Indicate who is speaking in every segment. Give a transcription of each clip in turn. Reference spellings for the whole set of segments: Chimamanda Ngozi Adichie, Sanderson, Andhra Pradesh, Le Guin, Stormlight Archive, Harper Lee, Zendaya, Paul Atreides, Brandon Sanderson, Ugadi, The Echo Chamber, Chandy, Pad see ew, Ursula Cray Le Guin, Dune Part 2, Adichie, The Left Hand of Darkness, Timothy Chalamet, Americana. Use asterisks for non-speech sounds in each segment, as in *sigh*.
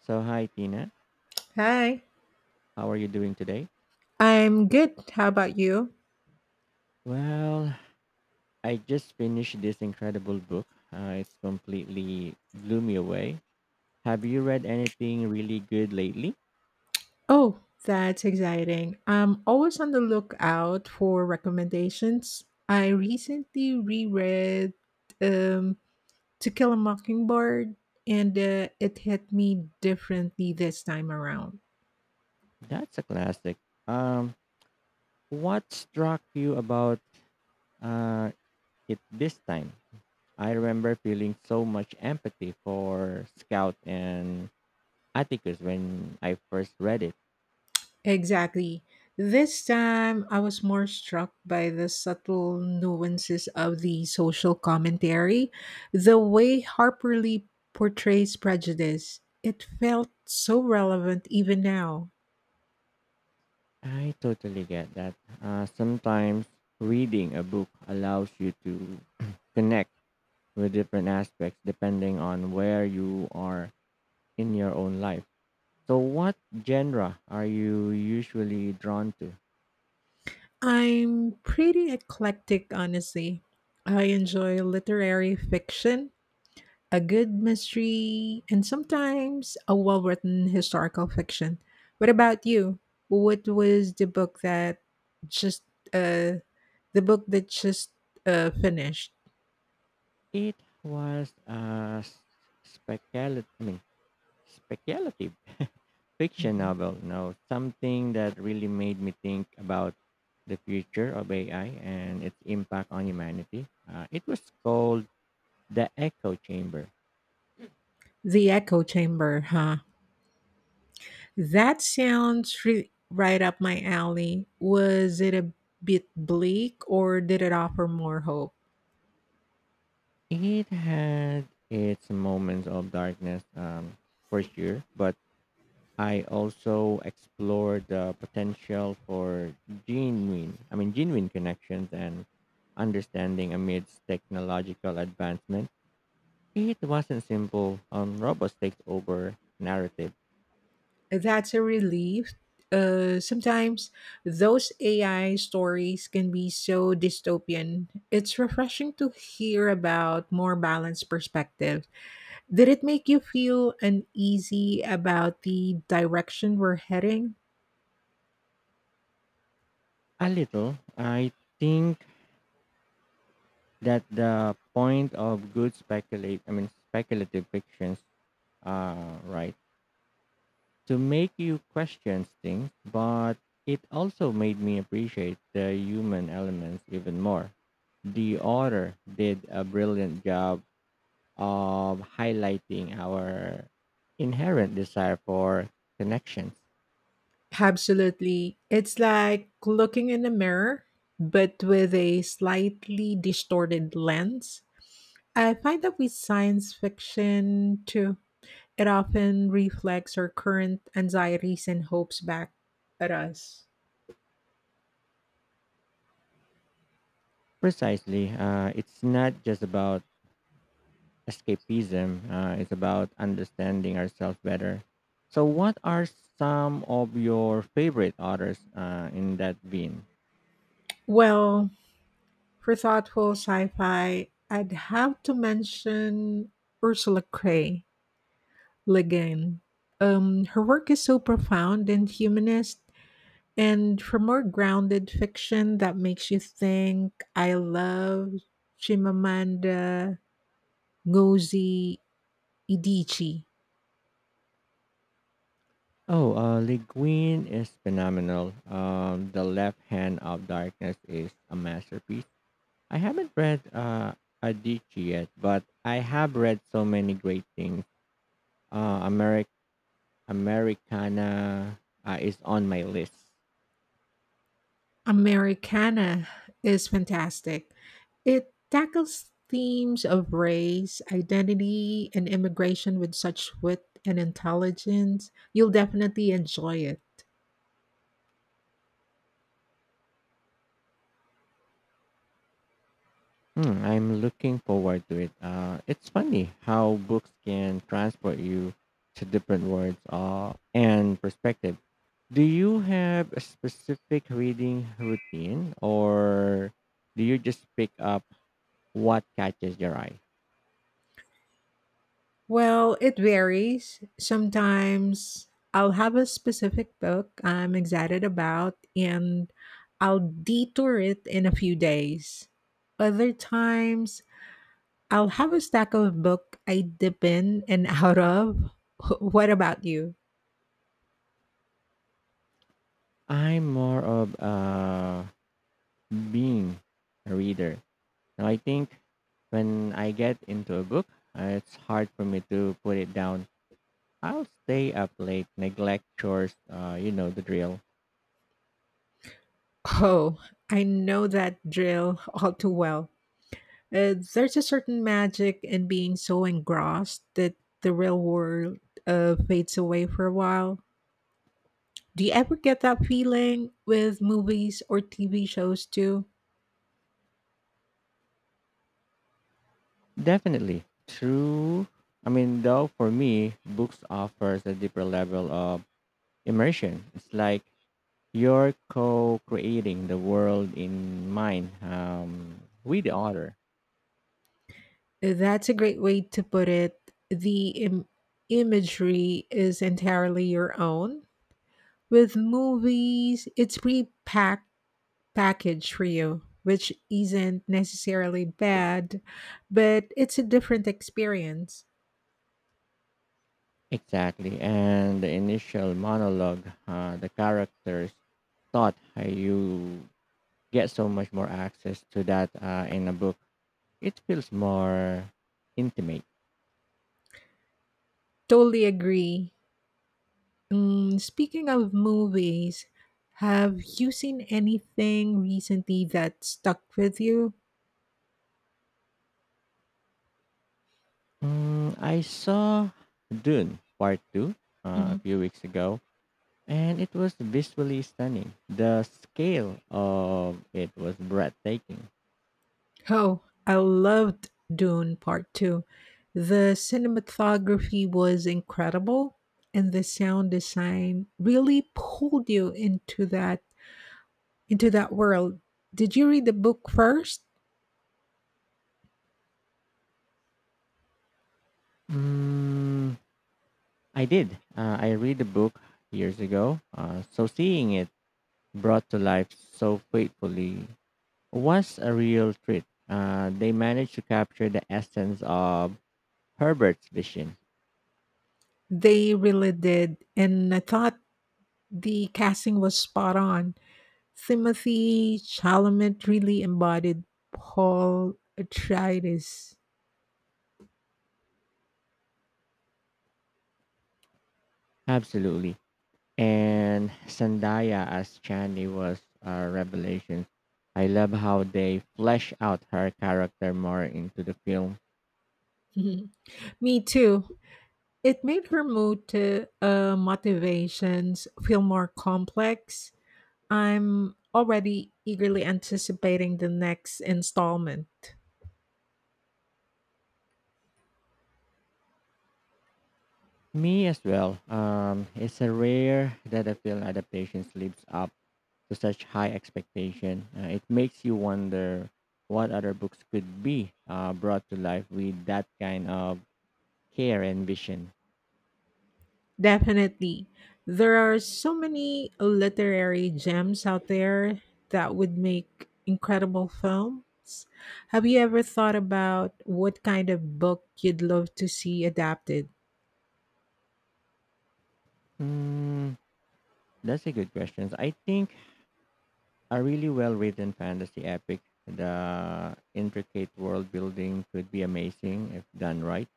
Speaker 1: So, hi, Tina.
Speaker 2: Hi,
Speaker 1: How are you doing today?
Speaker 2: I'm good. How about you?
Speaker 1: Well, I just finished this incredible book. It's completely blew me away. Have you read anything really good lately?
Speaker 2: Oh, that's exciting. I'm always on the lookout for recommendations. I recently reread um, To Kill a Mockingbird, and it hit me differently this time around.
Speaker 1: That's a classic. Um, what struck you about uh, it this time? I remember feeling so much empathy for Scout and Atticus when I first read it.
Speaker 2: Exactly. This time, I was more struck by the subtle nuances of the social commentary, the way Harper Lee portrays prejudice. It felt so relevant even now.
Speaker 1: I totally get that. Sometimes reading a book allows you to *clears throat* connect with different aspects depending on where you are in your own life. So, what genre are you usually drawn to?
Speaker 2: I'm pretty eclectic, honestly. I enjoy literary fiction, a good mystery, and sometimes a well written historical fiction. What about you? What was the book that just uh the book that just finished?
Speaker 1: It was a speculative, I mean, speculative fiction
Speaker 2: Mhm.
Speaker 1: novel, No, something that really made me think about the future of AI and its impact on humanity. It was called The Echo Chamber.
Speaker 2: The Echo
Speaker 1: Mm.
Speaker 2: Chamber, huh? That sounds right up my alley. Was it a bit bleak or did it offer more hope?
Speaker 1: It had its moments of darkness, for sure, but I also explored the potential for genuine, I mean, genuine connections and understanding amidst technological advancement. It wasn't simple robots takes over narrative.
Speaker 2: That's a relief. Sometimes those AI stories can be so dystopian. It's refreshing to hear about more balanced perspective. Did it make you feel uneasy about the direction we're heading?
Speaker 1: A little. I think that the point of good speculate I mean speculative fictions right to make you question things, but it also made me appreciate the human elements even more. The author did a brilliant job of highlighting our inherent desire for connections.
Speaker 2: Absolutely. It's like looking in a mirror, but with a slightly distorted lens. I find that with science fiction too. It often reflects our current anxieties and hopes back at us.
Speaker 1: Precisely. It's not just about escapism, it's about understanding ourselves better. So, what are some of your favorite authors in that vein?
Speaker 2: Well, for thoughtful sci fi, I'd have to mention Ursula Cray Le Guin. Her work is so profound and humanist, and for more grounded fiction that makes you think, I love Chimamanda Ngozi Adichie.
Speaker 1: Oh, Le Guin is phenomenal. The Left Hand of Darkness is a masterpiece. I haven't read Adichie yet, but I have read so many great things. Uh, Ameri- Americana is on my list.
Speaker 2: Americana is fantastic. It tackles themes of race, identity, and immigration with such wit and intelligence. You'll definitely enjoy it.
Speaker 1: Hmm, I'm looking forward to it. It's funny how books can transport you to different worlds and perspective. Do you have a specific reading routine or do you just pick up what catches your eye?
Speaker 2: Well, it varies. Sometimes I'll have a specific book I'm excited about and I'll detour it in a few days. Other times I'll have a stack of book I dip in and out of. *laughs* What about you?
Speaker 1: I'm more of a being a reader. Now, I think when I get into a book, it's hard for me to put it down. I'll stay up late, neglect chores, you know, the drill.
Speaker 2: Oh, I know that drill all too well. There's a certain magic in being so engrossed that the real world fades away for a while. Do you ever get that feeling with movies or TV shows too?
Speaker 1: Definitely. True. I mean, though, for me, books offers a deeper level of immersion. It's like you're co-creating the world in mind with the author.
Speaker 2: That's a great way to put it. The imagery is entirely your own. With movies, it's pre packaged for you, which isn't necessarily bad, but it's a different experience.
Speaker 1: Exactly. And the initial monologue, the characters thought, you get so much more access to that in a book. It feels more intimate.
Speaker 2: Totally agree. Mm, speaking of movies, have you seen anything recently that stuck with you?
Speaker 1: Mm, I saw Dune Part 2 a
Speaker 2: Hmm.
Speaker 1: few weeks ago, and it was visually stunning. The scale of it was breathtaking.
Speaker 2: Oh, I loved Dune Part 2. The cinematography was incredible and the sound design really pulled you into that world. Did you read the book first?
Speaker 1: Mm, I did. I read the book years ago, so seeing it brought to life so faithfully was a real treat. They managed to capture the essence of Herbert's vision.
Speaker 2: They really did, and I thought the casting was spot on. Timothy Chalamet really embodied Paul Atreides.
Speaker 1: Absolutely.
Speaker 2: *laughs*
Speaker 1: And Zendaya as Chandy was a revelation. I love how they flesh out her character more into the film.
Speaker 2: Mhm. Me too. It made her mood to motivations feel more complex. I'm already eagerly anticipating the next installment.
Speaker 1: Me as well. It's a rare that a film adaptation lives up to such high expectation. It makes you wonder what other books could be brought to life with that kind of care and vision.
Speaker 2: Definitely. There are so many literary gems out there that would make incredible films. Have you ever thought about what kind of book you'd love to see adapted?
Speaker 1: Hmm, that's a good question. I think a really well written fantasy epic, the intricate world building could be amazing if done right.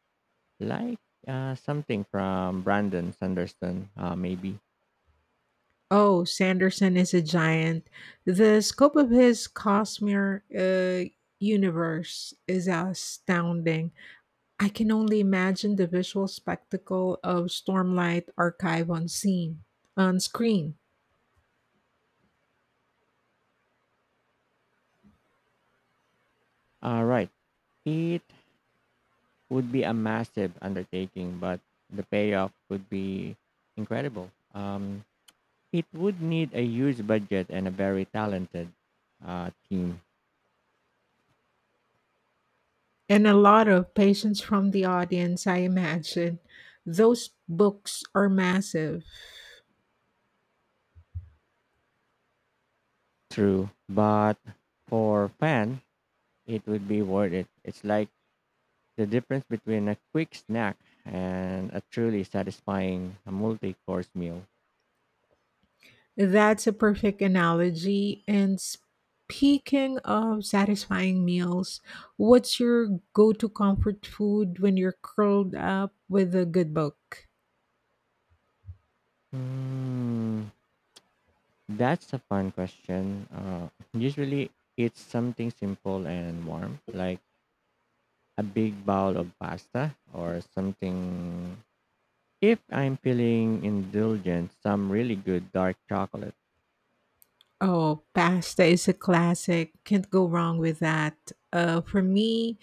Speaker 1: Like something from Brandon Sanderson, maybe.
Speaker 2: Oh, Sanderson is a giant. The scope of his cosmere universe is astounding. I can only imagine the visual spectacle of Stormlight Archive on screen.
Speaker 1: All right. It would be a massive undertaking, but the payoff could be incredible. It would need a huge budget and a very talented team.
Speaker 2: And a lot of patience from the audience, I imagine. Those books are massive.
Speaker 1: True, but for fan, it would be worth it. It's like the difference between a quick snack and a truly satisfying multi-course meal.
Speaker 2: That's a perfect analogy. And speaking of satisfying meals, what's your go to comfort food when you're curled up with a good book?
Speaker 1: Hmm, that's a fun question. Usually, it's something simple and warm, like a big bowl of pasta or something. If I'm feeling indulgent, some really good dark chocolate.
Speaker 2: Oh, pasta is a classic. Can't go wrong with that. For me,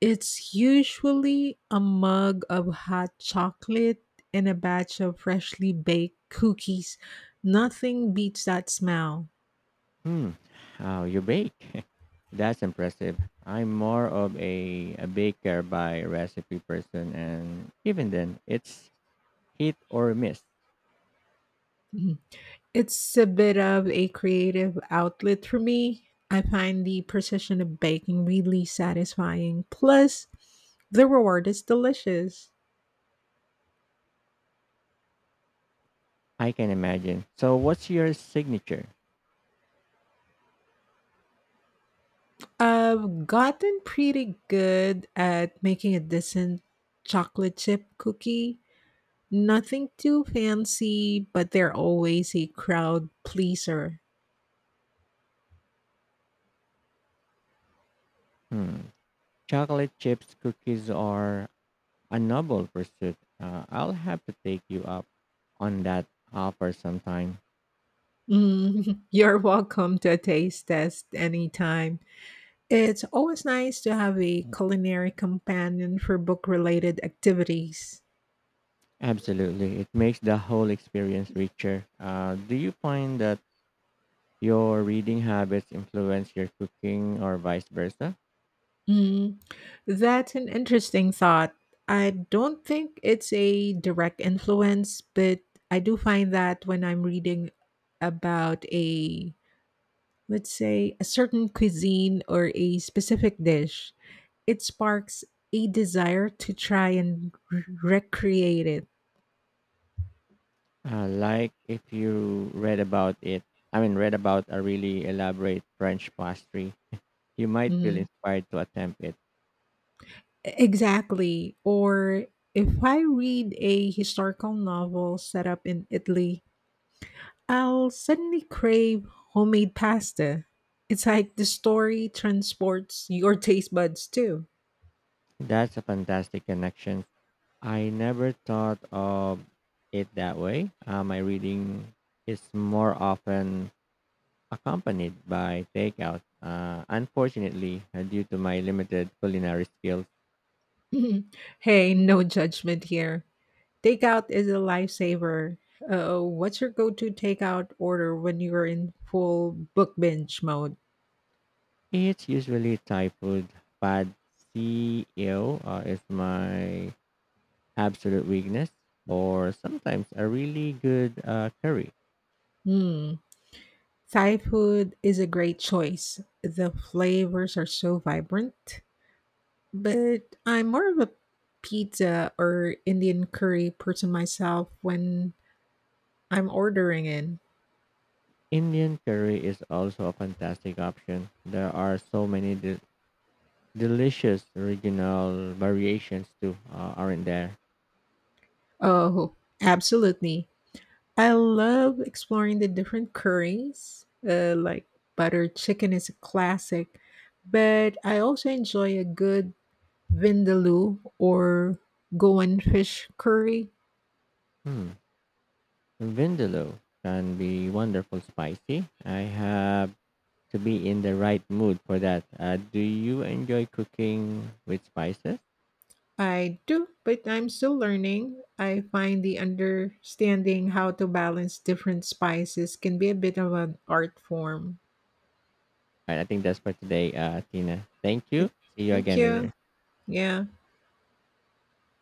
Speaker 2: it's usually a mug of hot chocolate and a batch of freshly baked cookies. Nothing beats that smell.
Speaker 1: Hmm, how you bake? *laughs* That's impressive. I'm more of a baker by recipe person, and even then, it's hit or miss.
Speaker 2: Mhm. It's a bit of a creative outlet for me. I find the precision of baking really satisfying. Plus, the reward is delicious.
Speaker 1: I can imagine. So, what's your signature?
Speaker 2: I've gotten pretty good at making a decent chocolate chip cookie. Nothing too fancy, but they're always a crowd pleaser.
Speaker 1: Hmm, chocolate chips, cookies are a noble pursuit. I'll have to take you up on that offer sometime.
Speaker 2: Mm. *laughs* You're welcome to a taste test anytime. It's always nice to have a culinary companion for book related activities.
Speaker 1: Absolutely. It makes the whole experience richer. Do you find that your reading habits influence your cooking or vice versa?
Speaker 2: Mm, that's an interesting thought. I don't think it's a direct influence, but I do find that when I'm reading about a, let's say, a certain cuisine or a specific dish, it sparks a desire to try and recreate it.
Speaker 1: Like if you read about it, I mean, read about a really elaborate French pastry, you might feel
Speaker 2: Mhm.
Speaker 1: inspired to attempt it.
Speaker 2: Exactly. Or if I read a historical novel set up in Italy, I'll suddenly crave homemade pasta. It's like the story transports your taste buds too.
Speaker 1: That's a fantastic connection I never thought of it that way. My reading is more often accompanied by takeout. Unfortunately, due to my limited culinary skills,
Speaker 2: *laughs* Hey, no judgment here. Takeout is a lifesaver. What's your go to takeout order when you're in full book binge mode?
Speaker 1: it's usually Thai food. Pad see ew is my absolute weakness, or sometimes a really good curry.
Speaker 2: Hmm. Thai food is a great choice. The flavors are so vibrant, but I'm more of a pizza or Indian curry person myself when I'm ordering in.
Speaker 1: Indian curry is also a fantastic option. There are so many delicious regional variations too, aren't there?
Speaker 2: Oh, absolutely. I love exploring the different curries, like butter chicken is a classic, but I also enjoy a good vindaloo or Goan fish curry.
Speaker 1: Hmm. Vindaloo can be wonderful spicy. I have to be in the right mood for that. Do you enjoy cooking with spices?
Speaker 2: I do, but I'm still learning. I find the understanding how to balance different spices can be a bit of an art form.
Speaker 1: All right, I think that's for today, Tina. Thank you.
Speaker 2: Th-
Speaker 1: See you
Speaker 2: Thank
Speaker 1: again later.
Speaker 2: you. Yeah.